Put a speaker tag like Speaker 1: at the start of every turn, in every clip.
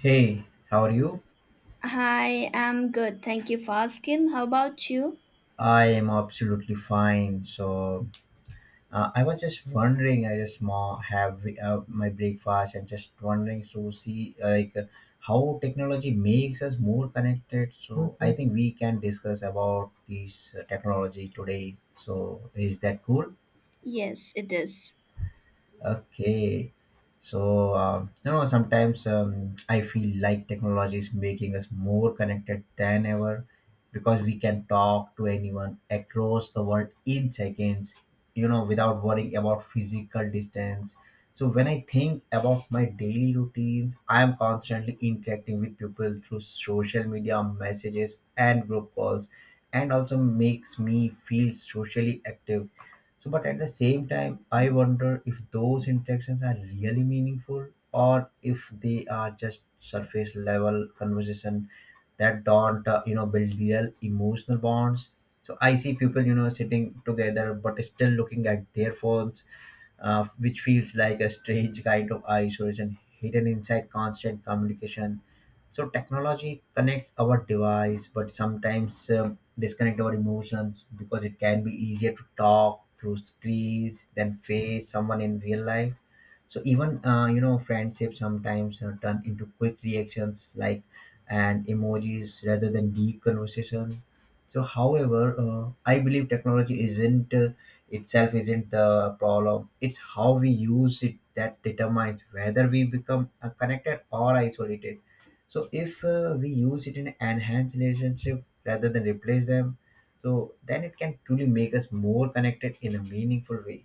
Speaker 1: Hey, how are you?
Speaker 2: Hi, I'm good. Thank you for asking. How about you?
Speaker 1: I am absolutely fine. So, I was just wondering. I just ma have my breakfast and just wondering. So, see like how technology makes us more connected. So, I think we can discuss about this technology today. So, is that cool?
Speaker 2: Yes, it is.
Speaker 1: Okay. So, you know, sometimes I feel like technology is making us more connected than ever because we can talk to anyone across the world in seconds, you know, without worrying about physical distance. So, when I think about my daily routines, I am constantly interacting with people through social media, messages, and group calls, and also makes me feel socially active so, but at the same time, I wonder if those interactions are really meaningful or if they are just surface level conversation that don't, you know, build real emotional bonds. So I see people, you know, sitting together but still looking at their phones, which feels like a strange kind of isolation hidden inside constant communication. So technology connects our device but sometimes disconnect our emotions because it can be easier to talk through screens than face someone in real life. So even you know, friendships sometimes are turned into quick reactions like and emojis rather than deep conversations. So however, I believe technology isn't itself isn't the problem. It's how we use it that determines whether we become connected or isolated. So if we use it in enhance relationship rather than replace them, so then it can truly make us more connected in a meaningful way.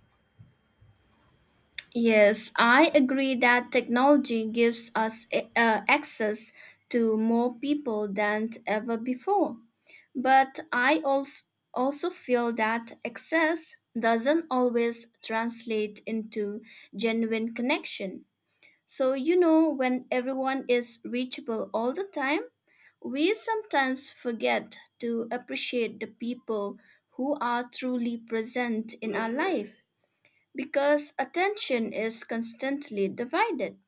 Speaker 2: Yes, I agree that technology gives us access to more people than ever before. But also feel that access doesn't always translate into genuine connection. So, you know, when everyone is reachable all the time, we sometimes forget to appreciate the people who are truly present in our life because attention is constantly divided.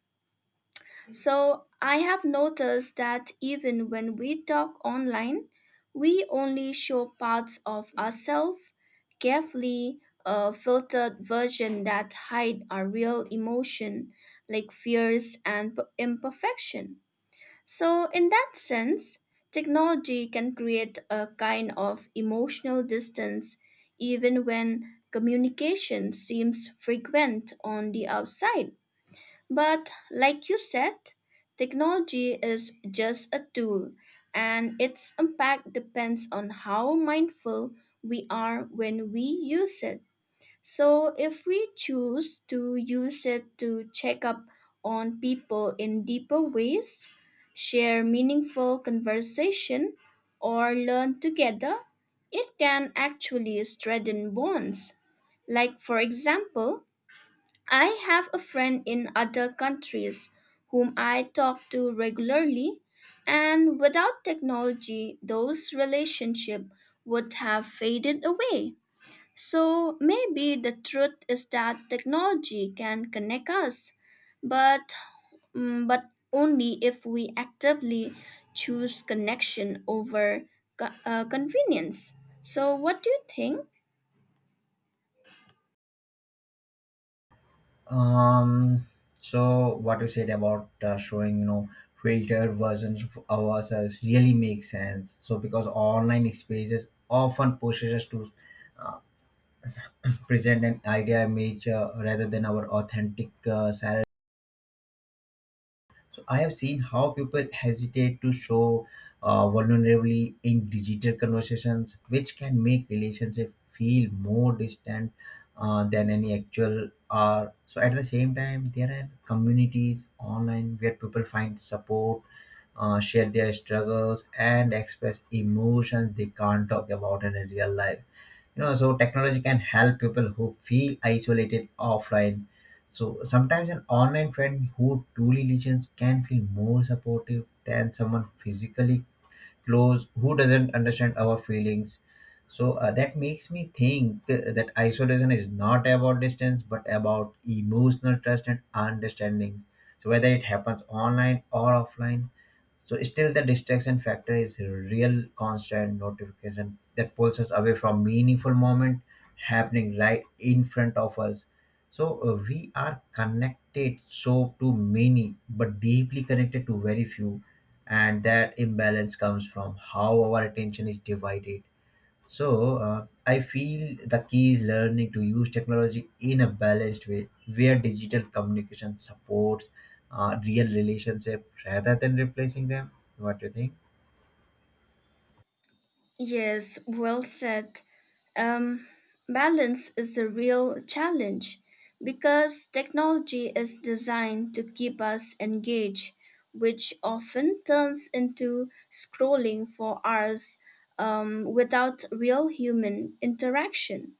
Speaker 2: So I have noticed that even when we talk online, we only show parts of ourselves, carefully a filtered version that hide our real emotion, like fears and imperfection. So in that sense, technology can create a kind of emotional distance even when communication seems frequent on the outside. But like you said, technology is just a tool and its impact depends on how mindful we are when we use it. So if we choose to use it to check up on people in deeper ways, share meaningful conversation, or learn together, it can actually strengthen bonds. Like, for example, I have a friend in other countries whom I talk to regularly, and without technology, those relationships would have faded away. So maybe the truth is that technology can connect us, but but only if we actively choose connection over convenience. So what do you think?
Speaker 1: Um. So what you said about showing, you know, filtered versions of ourselves really makes sense. So because online spaces often pushes us to uh, present an idea image rather than our authentic self. So I have seen how people hesitate to show vulnerability in digital conversations, which can make relationship feel more distant than any actual are. So at the same time, there are communities online where people find support, share their struggles, and express emotions they can't talk about in real life. You know, so technology can help people who feel isolated offline. So sometimes an online friend who truly listens can feel more supportive than someone physically close who doesn't understand our feelings. So that makes me think that isolation is not about distance but about emotional trust and understanding. So whether it happens online or offline, so still the distraction factor is real constant notification that pulls us away from meaningful moment happening right in front of us. So we are connected so to many, but deeply connected to very few, and that imbalance comes from how our attention is divided. So I feel the key is learning to use technology in a balanced way, where digital communication supports real relationship rather than replacing them. What do you think?
Speaker 2: Yes, well said. Um, Balance is the real challenge because technology is designed to keep us engaged, which often turns into scrolling for hours without real human interaction.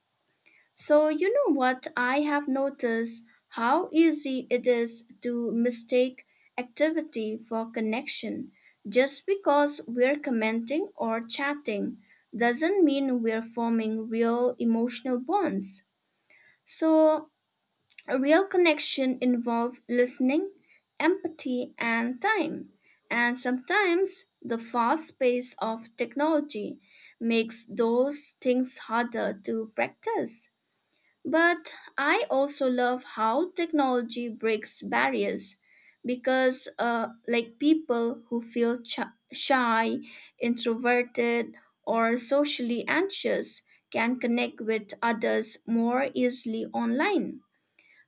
Speaker 2: So, you know what I have noticed? How easy it is to mistake activity for connection. Just because we're commenting or chatting doesn't mean we're forming real emotional bonds. So, a real connection involves listening, empathy, and time. And sometimes the fast pace of technology makes those things harder to practice. But I also love how technology breaks barriers because, like people who feel shy, introverted, or socially anxious can connect with others more easily online.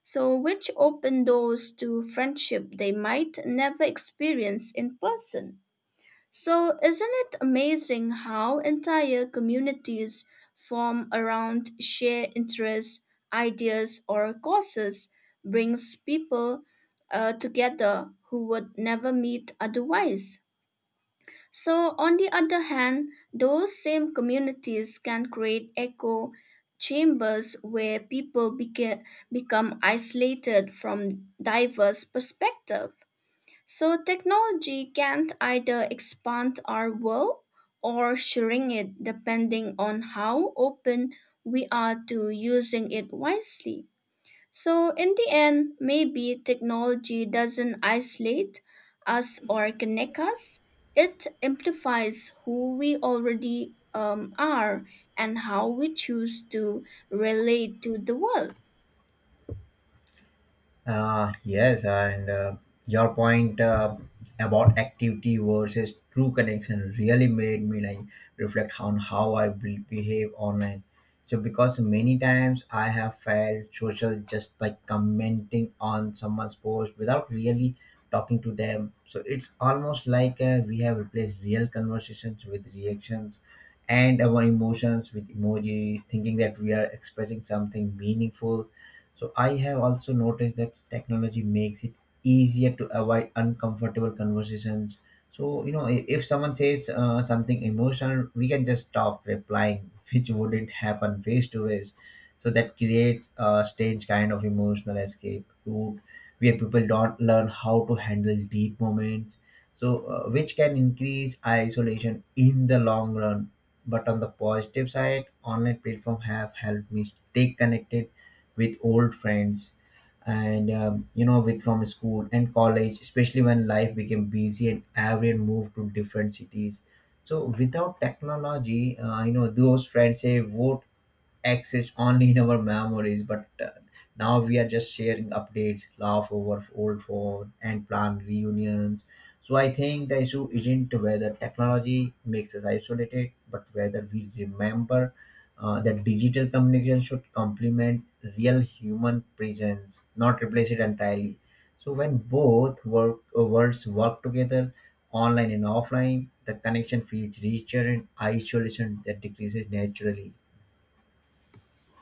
Speaker 2: So, which open doors to friendship they might never experience in person. So, isn't it amazing how entire communities form around shared interests, ideas, or causes brings people together who would never meet otherwise? So, on the other hand, those same communities can create echo chambers where people become isolated from diverse perspectives. So technology can either expand our world or shrink it depending on how open we are to using it wisely. So in the end, maybe technology doesn't isolate us or connect us. It amplifies who we already are and how we choose to relate to the world.
Speaker 1: Yes, and your point about activity versus true connection really made me like reflect on how I behave online. So because many times I have felt social just by commenting on someone's post without really talking to them. So it's almost like we have replaced real conversations with reactions and our emotions with emojis, thinking that we are expressing something meaningful. So I have also noticed that technology makes it easier to avoid uncomfortable conversations. So you know, if someone says something emotional, we can just stop replying, which wouldn't happen face to face. So that creates a strange kind of emotional escape route where people don't learn how to handle deep moments. So which can increase isolation in the long run. But on the positive side, online platform have helped me stay connected with old friends and you know with from school and college, especially when life became busy and everyone moved to different cities. So without technology, you know, those friends say what exist only in our memories, but now we are just sharing updates, laugh over old phone, and plan reunions. So I think the issue isn't whether technology makes us isolated, but whether we remember that digital communication should complement real human presence, not replace it entirely. So when both worlds work together, online and offline, the connection feels richer and isolation that decreases naturally.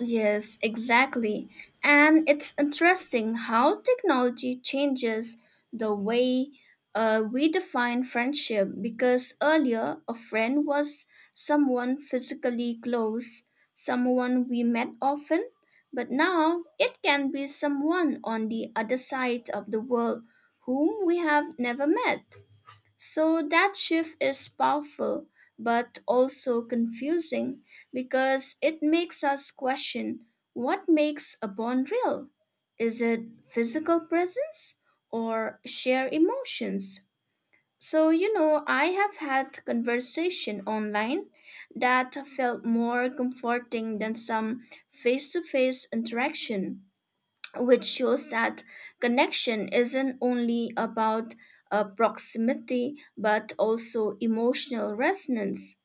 Speaker 2: Yes, exactly. And it's interesting how technology changes the way we define friendship because earlier a friend was someone physically close, someone we met often, but now it can be someone on the other side of the world whom we have never met. So that shift is powerful, but also confusing because it makes us question what makes a bond real? Is it physical presence or shared emotions? So, you know, I have had conversation online that felt more comforting than some face-to-face interaction which shows that connection isn't only about proximity but also emotional resonance.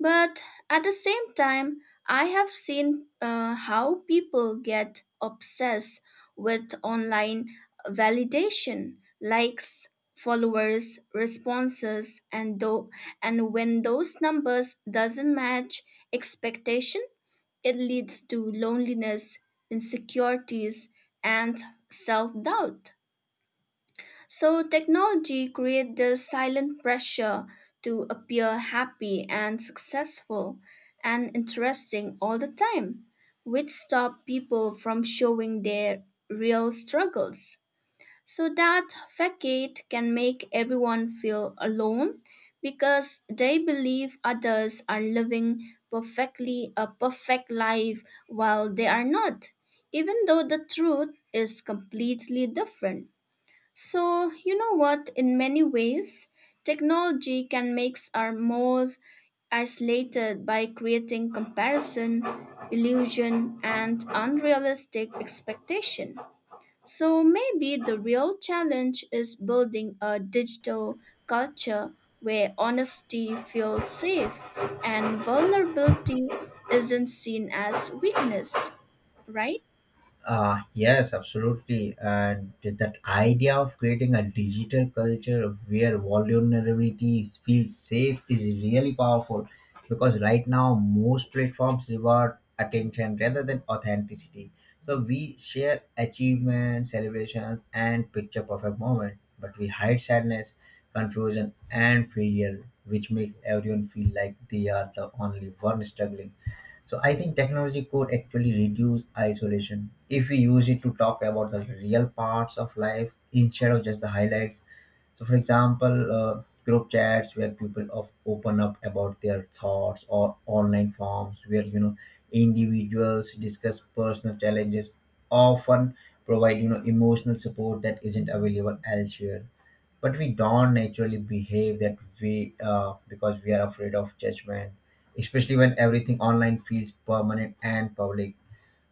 Speaker 2: But at the same time, I have seen how people get obsessed with online validation, likes, followers, responses, and though, and when those numbers doesn't match expectation, it leads to loneliness, insecurities, and self-doubt. So technology creates this silent pressure to appear happy and successful and interesting all the time, which stop people from showing their real struggles. So that facade can make everyone feel alone because they believe others are living perfectly a perfect life while they are not, even though the truth is completely different. So, you know what? In many ways, technology can make our more isolated by creating comparison, illusion, and unrealistic expectation. So, maybe the real challenge is building a digital culture where honesty feels safe and vulnerability isn't seen as weakness, right?
Speaker 1: Yes, absolutely. And that idea of creating a digital culture where vulnerability feels safe is really powerful because right now most platforms reward attention rather than authenticity. So we share achievements, celebrations, and picture perfect moments, but we hide sadness, confusion, and failure, which makes everyone feel like they are the only one struggling. So I think technology could actually reduce isolation if we use it to talk about the real parts of life instead of just the highlights. So, for example, group chats where people of open up about their thoughts, or online forums where you know individuals discuss personal challenges, often provide, you know, emotional support that isn't available elsewhere. But we don't naturally behave that way because we are afraid of judgment, especially when everything online feels permanent and public.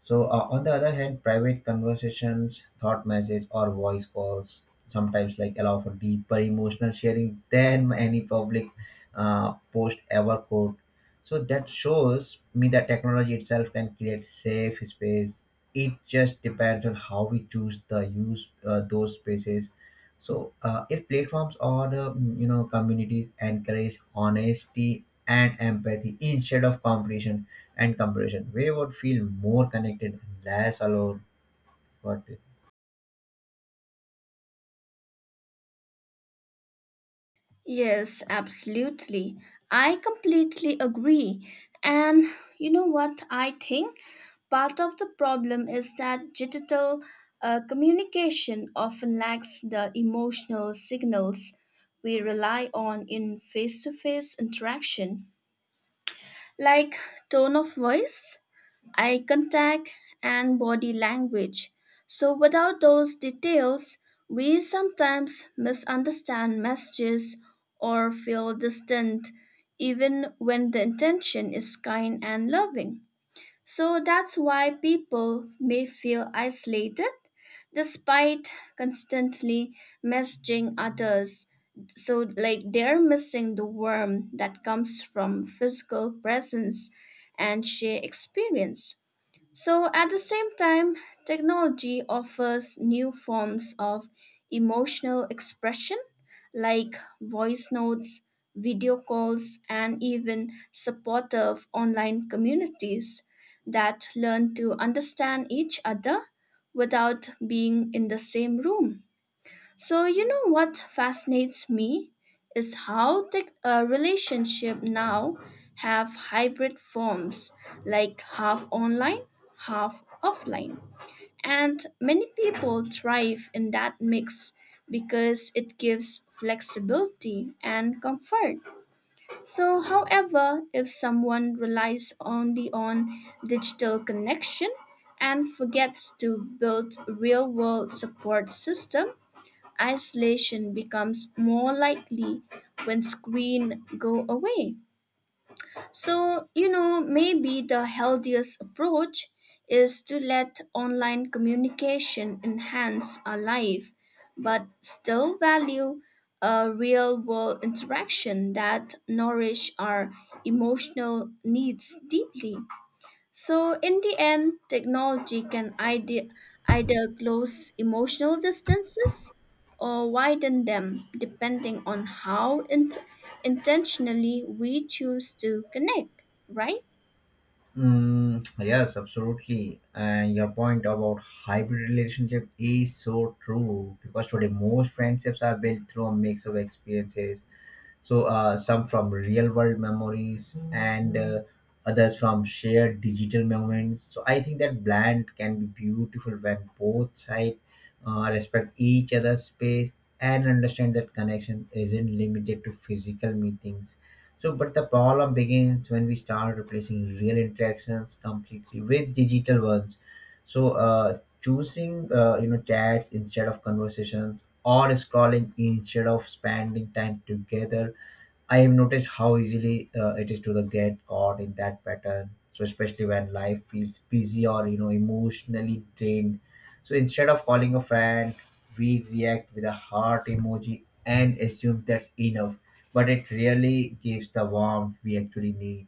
Speaker 1: So, on the other hand, private conversations, thought message, or voice calls sometimes like allow for deeper emotional sharing than any public post ever could. So that shows me that technology itself can create safe space. It just depends on how we choose the use those spaces. So if platforms or the you know, communities encourage honesty and empathy instead of competition and comparison, we would feel more connected and less alone. What?
Speaker 2: Yes, absolutely. I completely agree. And you know what I think? Part of the problem is that digital communication often lacks the emotional signals we rely on in face to face interaction like tone of voice, eye contact, and body language. So, without those details, we sometimes misunderstand messages or feel distant, even when the intention is kind and loving. So that's why people may feel isolated despite constantly messaging others. So, like, they're missing the warmth that comes from physical presence and shared experience. So, at the same time, technology offers new forms of emotional expression like voice notes, video calls, and even supportive online communities that learn to understand each other without being in the same room. So, you know what fascinates me is how the relationship now have hybrid forms like half online, half offline. And many people thrive in that mix because it gives flexibility and comfort. So, however, if someone relies only on digital connection and forgets to build real world support system, isolation becomes more likely when screen go away. So you know maybe the healthiest approach is to let online communication enhance our life but still value a real world interaction that nourish our emotional needs deeply. So, in the end, technology can either close emotional distances or widen them, depending on how intentionally we choose to connect, right?
Speaker 1: Mm, yes, absolutely. And your point about hybrid relationship is so true because today most friendships are built through a mix of experiences. So some from real world memories and others from shared digital moments. So I think that blend can be beautiful when both sides respect each other's space and understand that connection isn't limited to physical meetings. So but the problem begins when we start replacing real interactions completely with digital ones. So choosing, you know, chats instead of conversations or scrolling instead of spending time together. I have noticed how easily it is to the get caught in that pattern. So especially when life feels busy or you know emotionally drained. So instead of calling a friend, we react with a heart emoji and assume that's enough. But it really gives the warmth we actually need.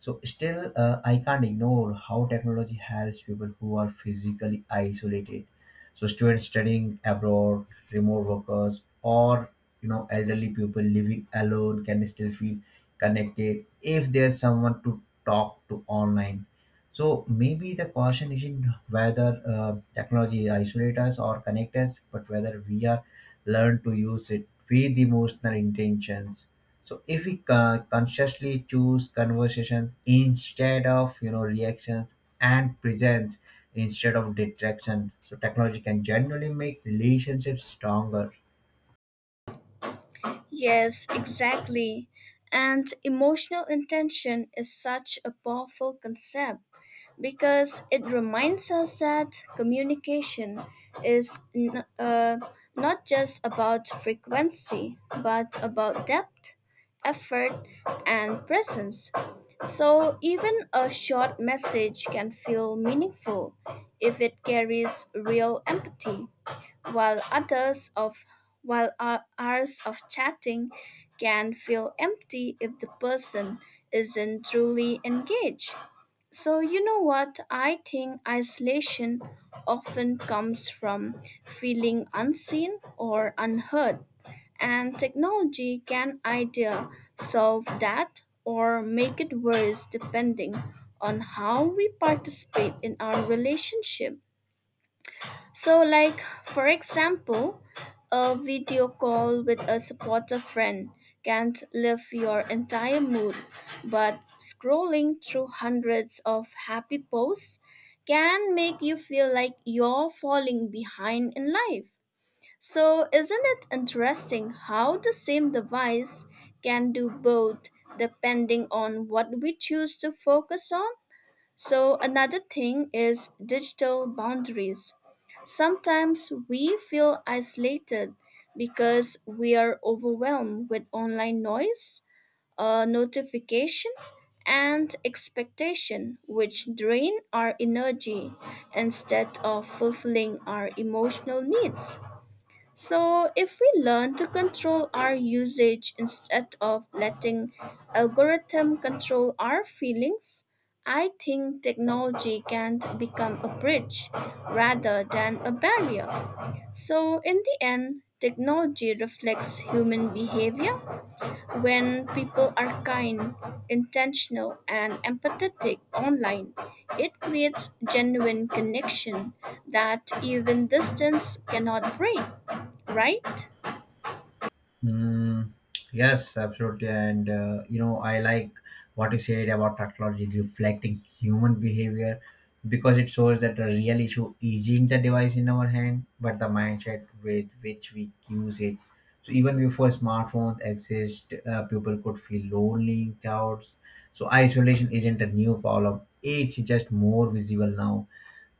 Speaker 1: So still, I can't ignore how technology helps people who are physically isolated. So students studying abroad, remote workers, or you know elderly people living alone can still feel connected if there's someone to talk to online. So maybe the question isn't whether technology isolates us or connects us, but whether we are learn to use it with emotional intentions. So if we consciously choose conversations instead of you know reactions and presence instead of detraction, so technology can generally make relationships stronger.
Speaker 2: Yes, exactly. And emotional intention is such a powerful concept because it reminds us that communication is not just about frequency, but about depth, effort, and presence. So, even a short message can feel meaningful if it carries real empathy while others of while hou- hours of chatting can feel empty if the person isn't truly engaged. So, you know what? I think isolation often comes from feeling unseen or unheard, and technology can either solve that or make it worse depending on how we participate in our relationship. So, like for example, a video call with a supportive friend can't lift your entire mood, but scrolling through hundreds of happy posts can make you feel like you're falling behind in life. So, isn't it interesting how the same device can do both depending on what we choose to focus on? So, another thing is digital boundaries. Sometimes we feel isolated because we are overwhelmed with online noise, notification, and expectation, which drain our energy instead of fulfilling our emotional needs. So, if we learn to control our usage instead of letting algorithm control our feelings, I think technology can become a bridge rather than a barrier. So, in the end, technology reflects human behavior. When people are kind, intentional, and empathetic online, it creates genuine connection that even distance cannot break, right?
Speaker 1: Mm, yes, absolutely. And you know, I like what you said about technology reflecting human behavior because it shows that the real issue isn't the device in our hand, but the mindset with which we use it. So even before smartphones exist, people could feel lonely in crowds. So isolation isn't a new problem; it's just more visible now.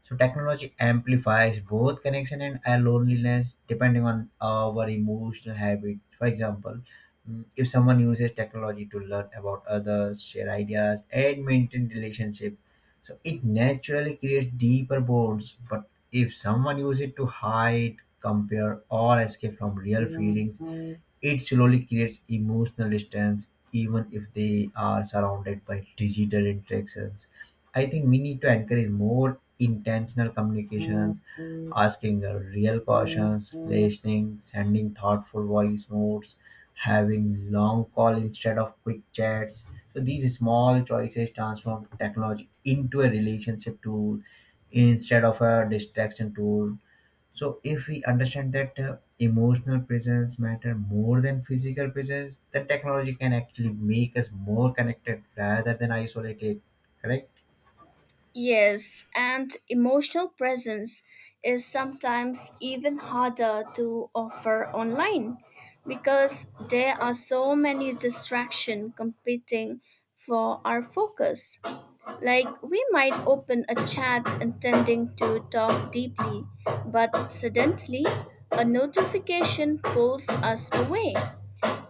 Speaker 1: So technology amplifies both connection and loneliness depending on our emotional habit. For example, if someone uses technology to learn about others, share ideas, and maintain relationship, so it naturally creates deeper bonds. But if someone uses it to hide, compare, or escape from real feelings, it slowly creates emotional distance even if they are surrounded by digital interactions. I think we need to encourage more intentional communications, asking the real questions, listening, sending thoughtful voice notes, having long call instead of quick chats. So these small choices transform technology into a relationship tool instead of a distraction tool. So if we understand that emotional presence matter more than physical presence, then technology can actually make us more connected rather than isolated. Correct?
Speaker 2: Yes, and emotional presence is sometimes even harder to offer online because there are so many distractions competing for our focus. Like we might open a chat intending to talk deeply, but suddenly a notification pulls us away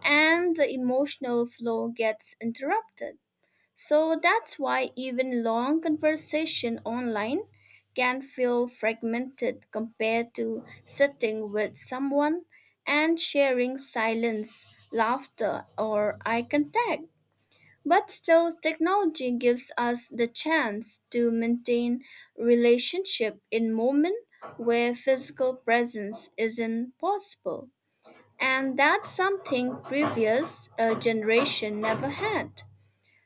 Speaker 2: and the emotional flow gets interrupted. So that's why even long conversation online can feel fragmented compared to sitting with someone and sharing silence, laughter, or eye contact. But still, technology gives us the chance to maintain relationship in moment where physical presence isn't possible. And that's something previous generation never had.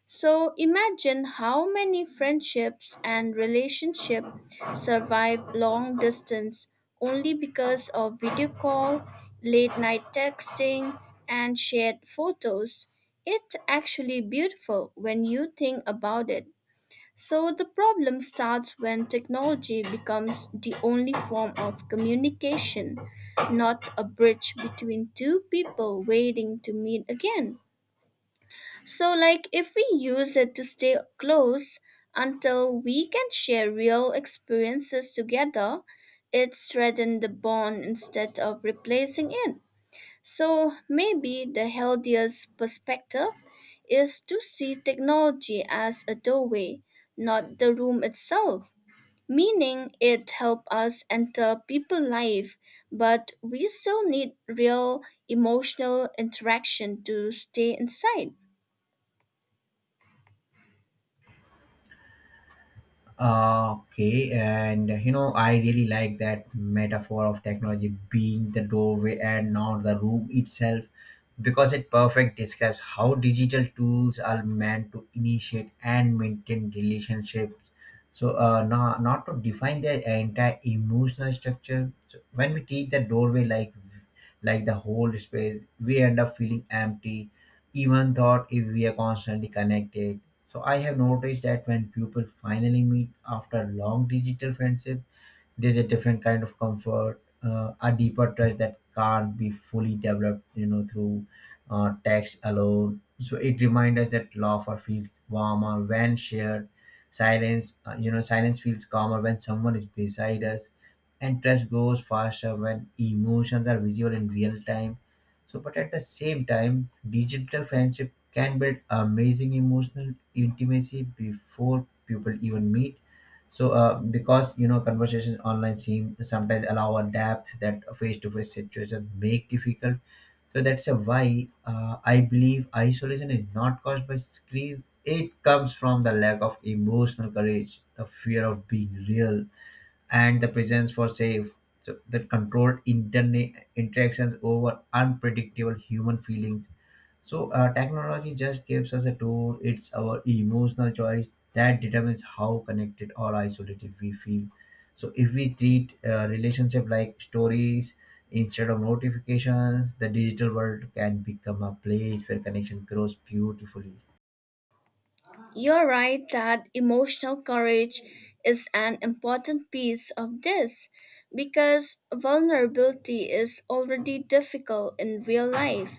Speaker 2: So imagine how many friendships and relationships survive long distance only because of video call, late night texting, and shared photos. It's actually beautiful when you think about it. So the problem starts when technology becomes the only form of communication, not a bridge between two people waiting to meet again. So, like, if we use it to stay close until we can share real experiences together, it strengthens the bond instead of replacing it. So, maybe the healthiest perspective is to see technology as a doorway, not the room itself. Meaning it helps us enter people's life, but we still need real emotional interaction to stay inside.
Speaker 1: Okay, and you know, I really like that metaphor of technology being the doorway and not the room itself because it perfect describes how digital tools are meant to initiate and maintain relationships. So, not, not to define their entire emotional structure. So when we treat the doorway like the whole space, we end up feeling empty, even thought if we are constantly connected. So I have noticed that when people finally meet after long digital friendship, there's a different kind of comfort, a deeper trust that can't be fully developed, you know, through text alone. So it reminds us that laughter feels warmer when shared. Silence, you know, silence feels calmer when someone is beside us, and trust grows faster when emotions are visible in real time. So, but at the same time, digital friendship can build amazing emotional intimacy before people even meet. So because you know conversations online seem sometimes allow a depth that face-to-face situation make difficult. So that's a why I believe isolation is not caused by screens. It comes from the lack of emotional courage, the fear of being real and the presence for safe. So that controlled interactions over unpredictable human feelings. So technology just gives us a tool. It's our emotional choice that determines how connected or isolated we feel. So if we treat relationship like stories instead of notifications, the digital world can become a place where connection grows beautifully.
Speaker 2: You're right that emotional courage is an important piece of this because vulnerability is already difficult in real life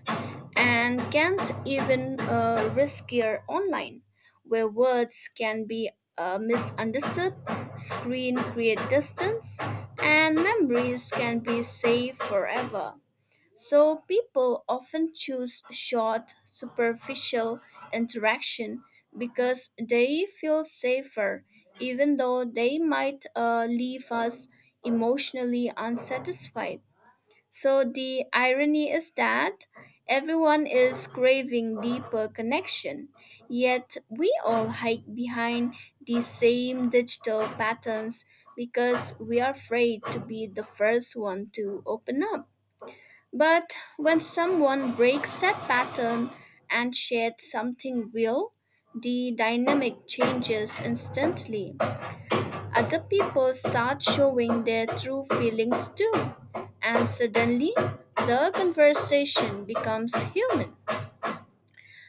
Speaker 2: and can't even riskier online where words can be misunderstood, screen create distance, and memories can be saved forever. So people often choose short, superficial interaction because they feel safer, even though they might leave us emotionally unsatisfied. So the irony is that everyone is craving deeper connection, yet we all hide behind the same digital patterns because we are afraid to be the first one to open up. But when someone breaks that pattern and shares something real, the dynamic changes instantly. Other people start showing their true feelings too, and suddenly the conversation becomes human.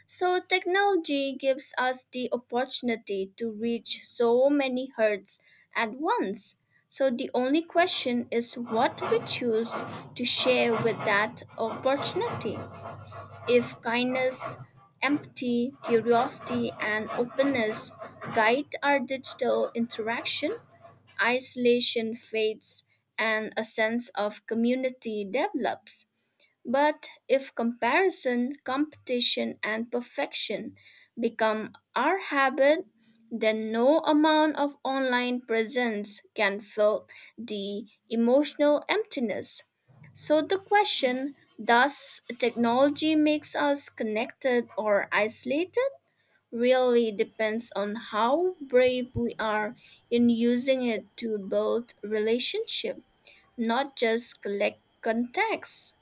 Speaker 2: So, technology gives us the opportunity to reach so many hertz at once. So, the only question is what we choose to share with that opportunity. If kindness, empathy, curiosity, and openness guide our digital interaction, isolation fades and a sense of community develops. But if comparison, competition, and perfection become our habit, then no amount of online presence can fill the emotional emptiness. So the question, does technology makes us connected or isolated? Really depends on how brave we are in using it to build relationship, not just collect contacts.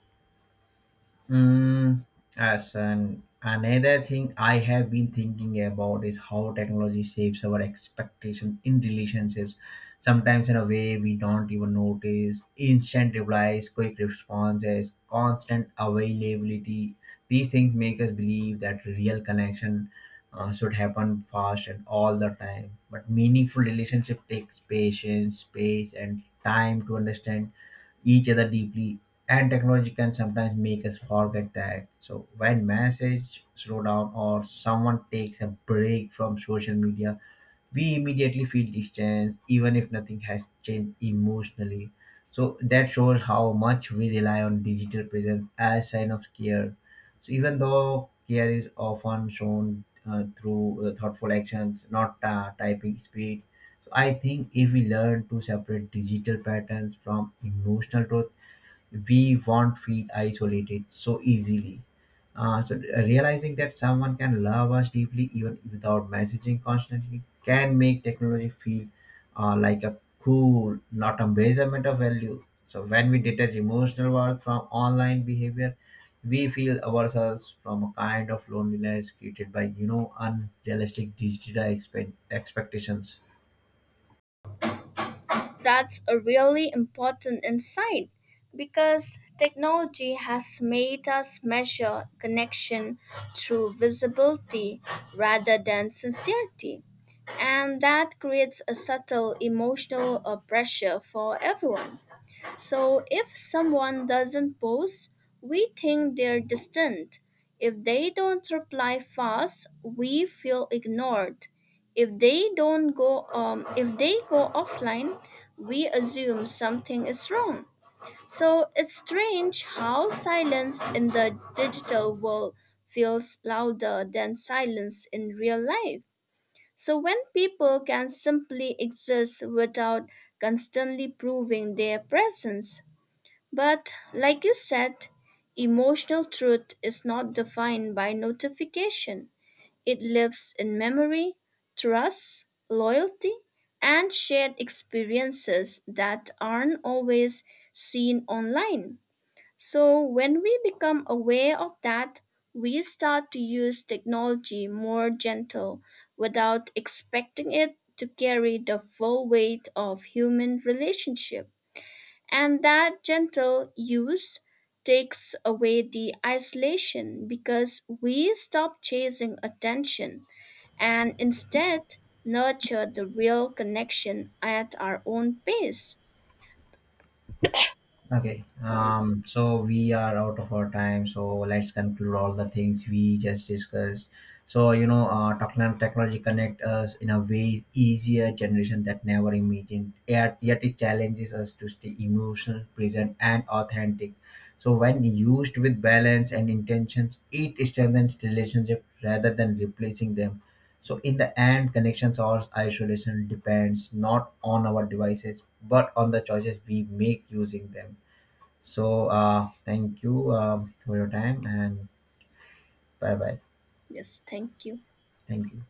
Speaker 1: Mm, as an another thing I have been thinking about is how technology shapes our expectation in relationships. Sometimes in a way we don't even notice. Instant replies, quick responses, constant availability. These things make us believe that real connection should happen fast and all the time. But meaningful relationship takes patience, space, and time to understand each other deeply, and technology can sometimes make us forget that. So when message slow down or someone takes a break from social media, we immediately feel distance even if nothing has changed emotionally. So that shows how much we rely on digital presence as sign of care. So even though care is often shown through thoughtful actions, not typing speed. So I think if we learn to separate digital patterns from emotional truth, we won't feel isolated so easily. So realizing that someone can love us deeply even without messaging constantly can make technology feel like a cool, not a measurement of value. So when we detach emotional worth from online behavior, we feel ourselves from a kind of loneliness created by you know unrealistic digital expectations.
Speaker 2: That's a really important insight because technology has made us measure connection through visibility rather than sincerity. And that creates a subtle emotional pressure for everyone. So if someone doesn't post, we think they're distant. If they don't reply fast, we feel ignored. If they don't go if they go offline, we assume something is wrong. So it's strange how silence in the digital world feels louder than silence in real life. So when people can simply exist without constantly proving their presence, but, like you said, emotional truth is not defined by notification. It lives in memory, trust, loyalty, and shared experiences that aren't always seen online. So, when we become aware of that, we start to use technology more gentle without expecting it to carry the full weight of human relationship. And that gentle use takes away the isolation because we stop chasing attention and instead nurture the real connection at our own pace.
Speaker 1: Okay.
Speaker 2: Sorry.
Speaker 1: So we are out of our time. So let's conclude all the things we just discussed. So you know, technology connect us in a way easier generation that never imagined. Yet it challenges us to stay emotional, present, and authentic. So when used with balance and intentions, it strengthens relationship rather than replacing them. So in the end, connections or isolation depends not on our devices but on the choices we make using them. So thank you for your time and bye bye.
Speaker 2: Yes, thank you.
Speaker 1: Thank you.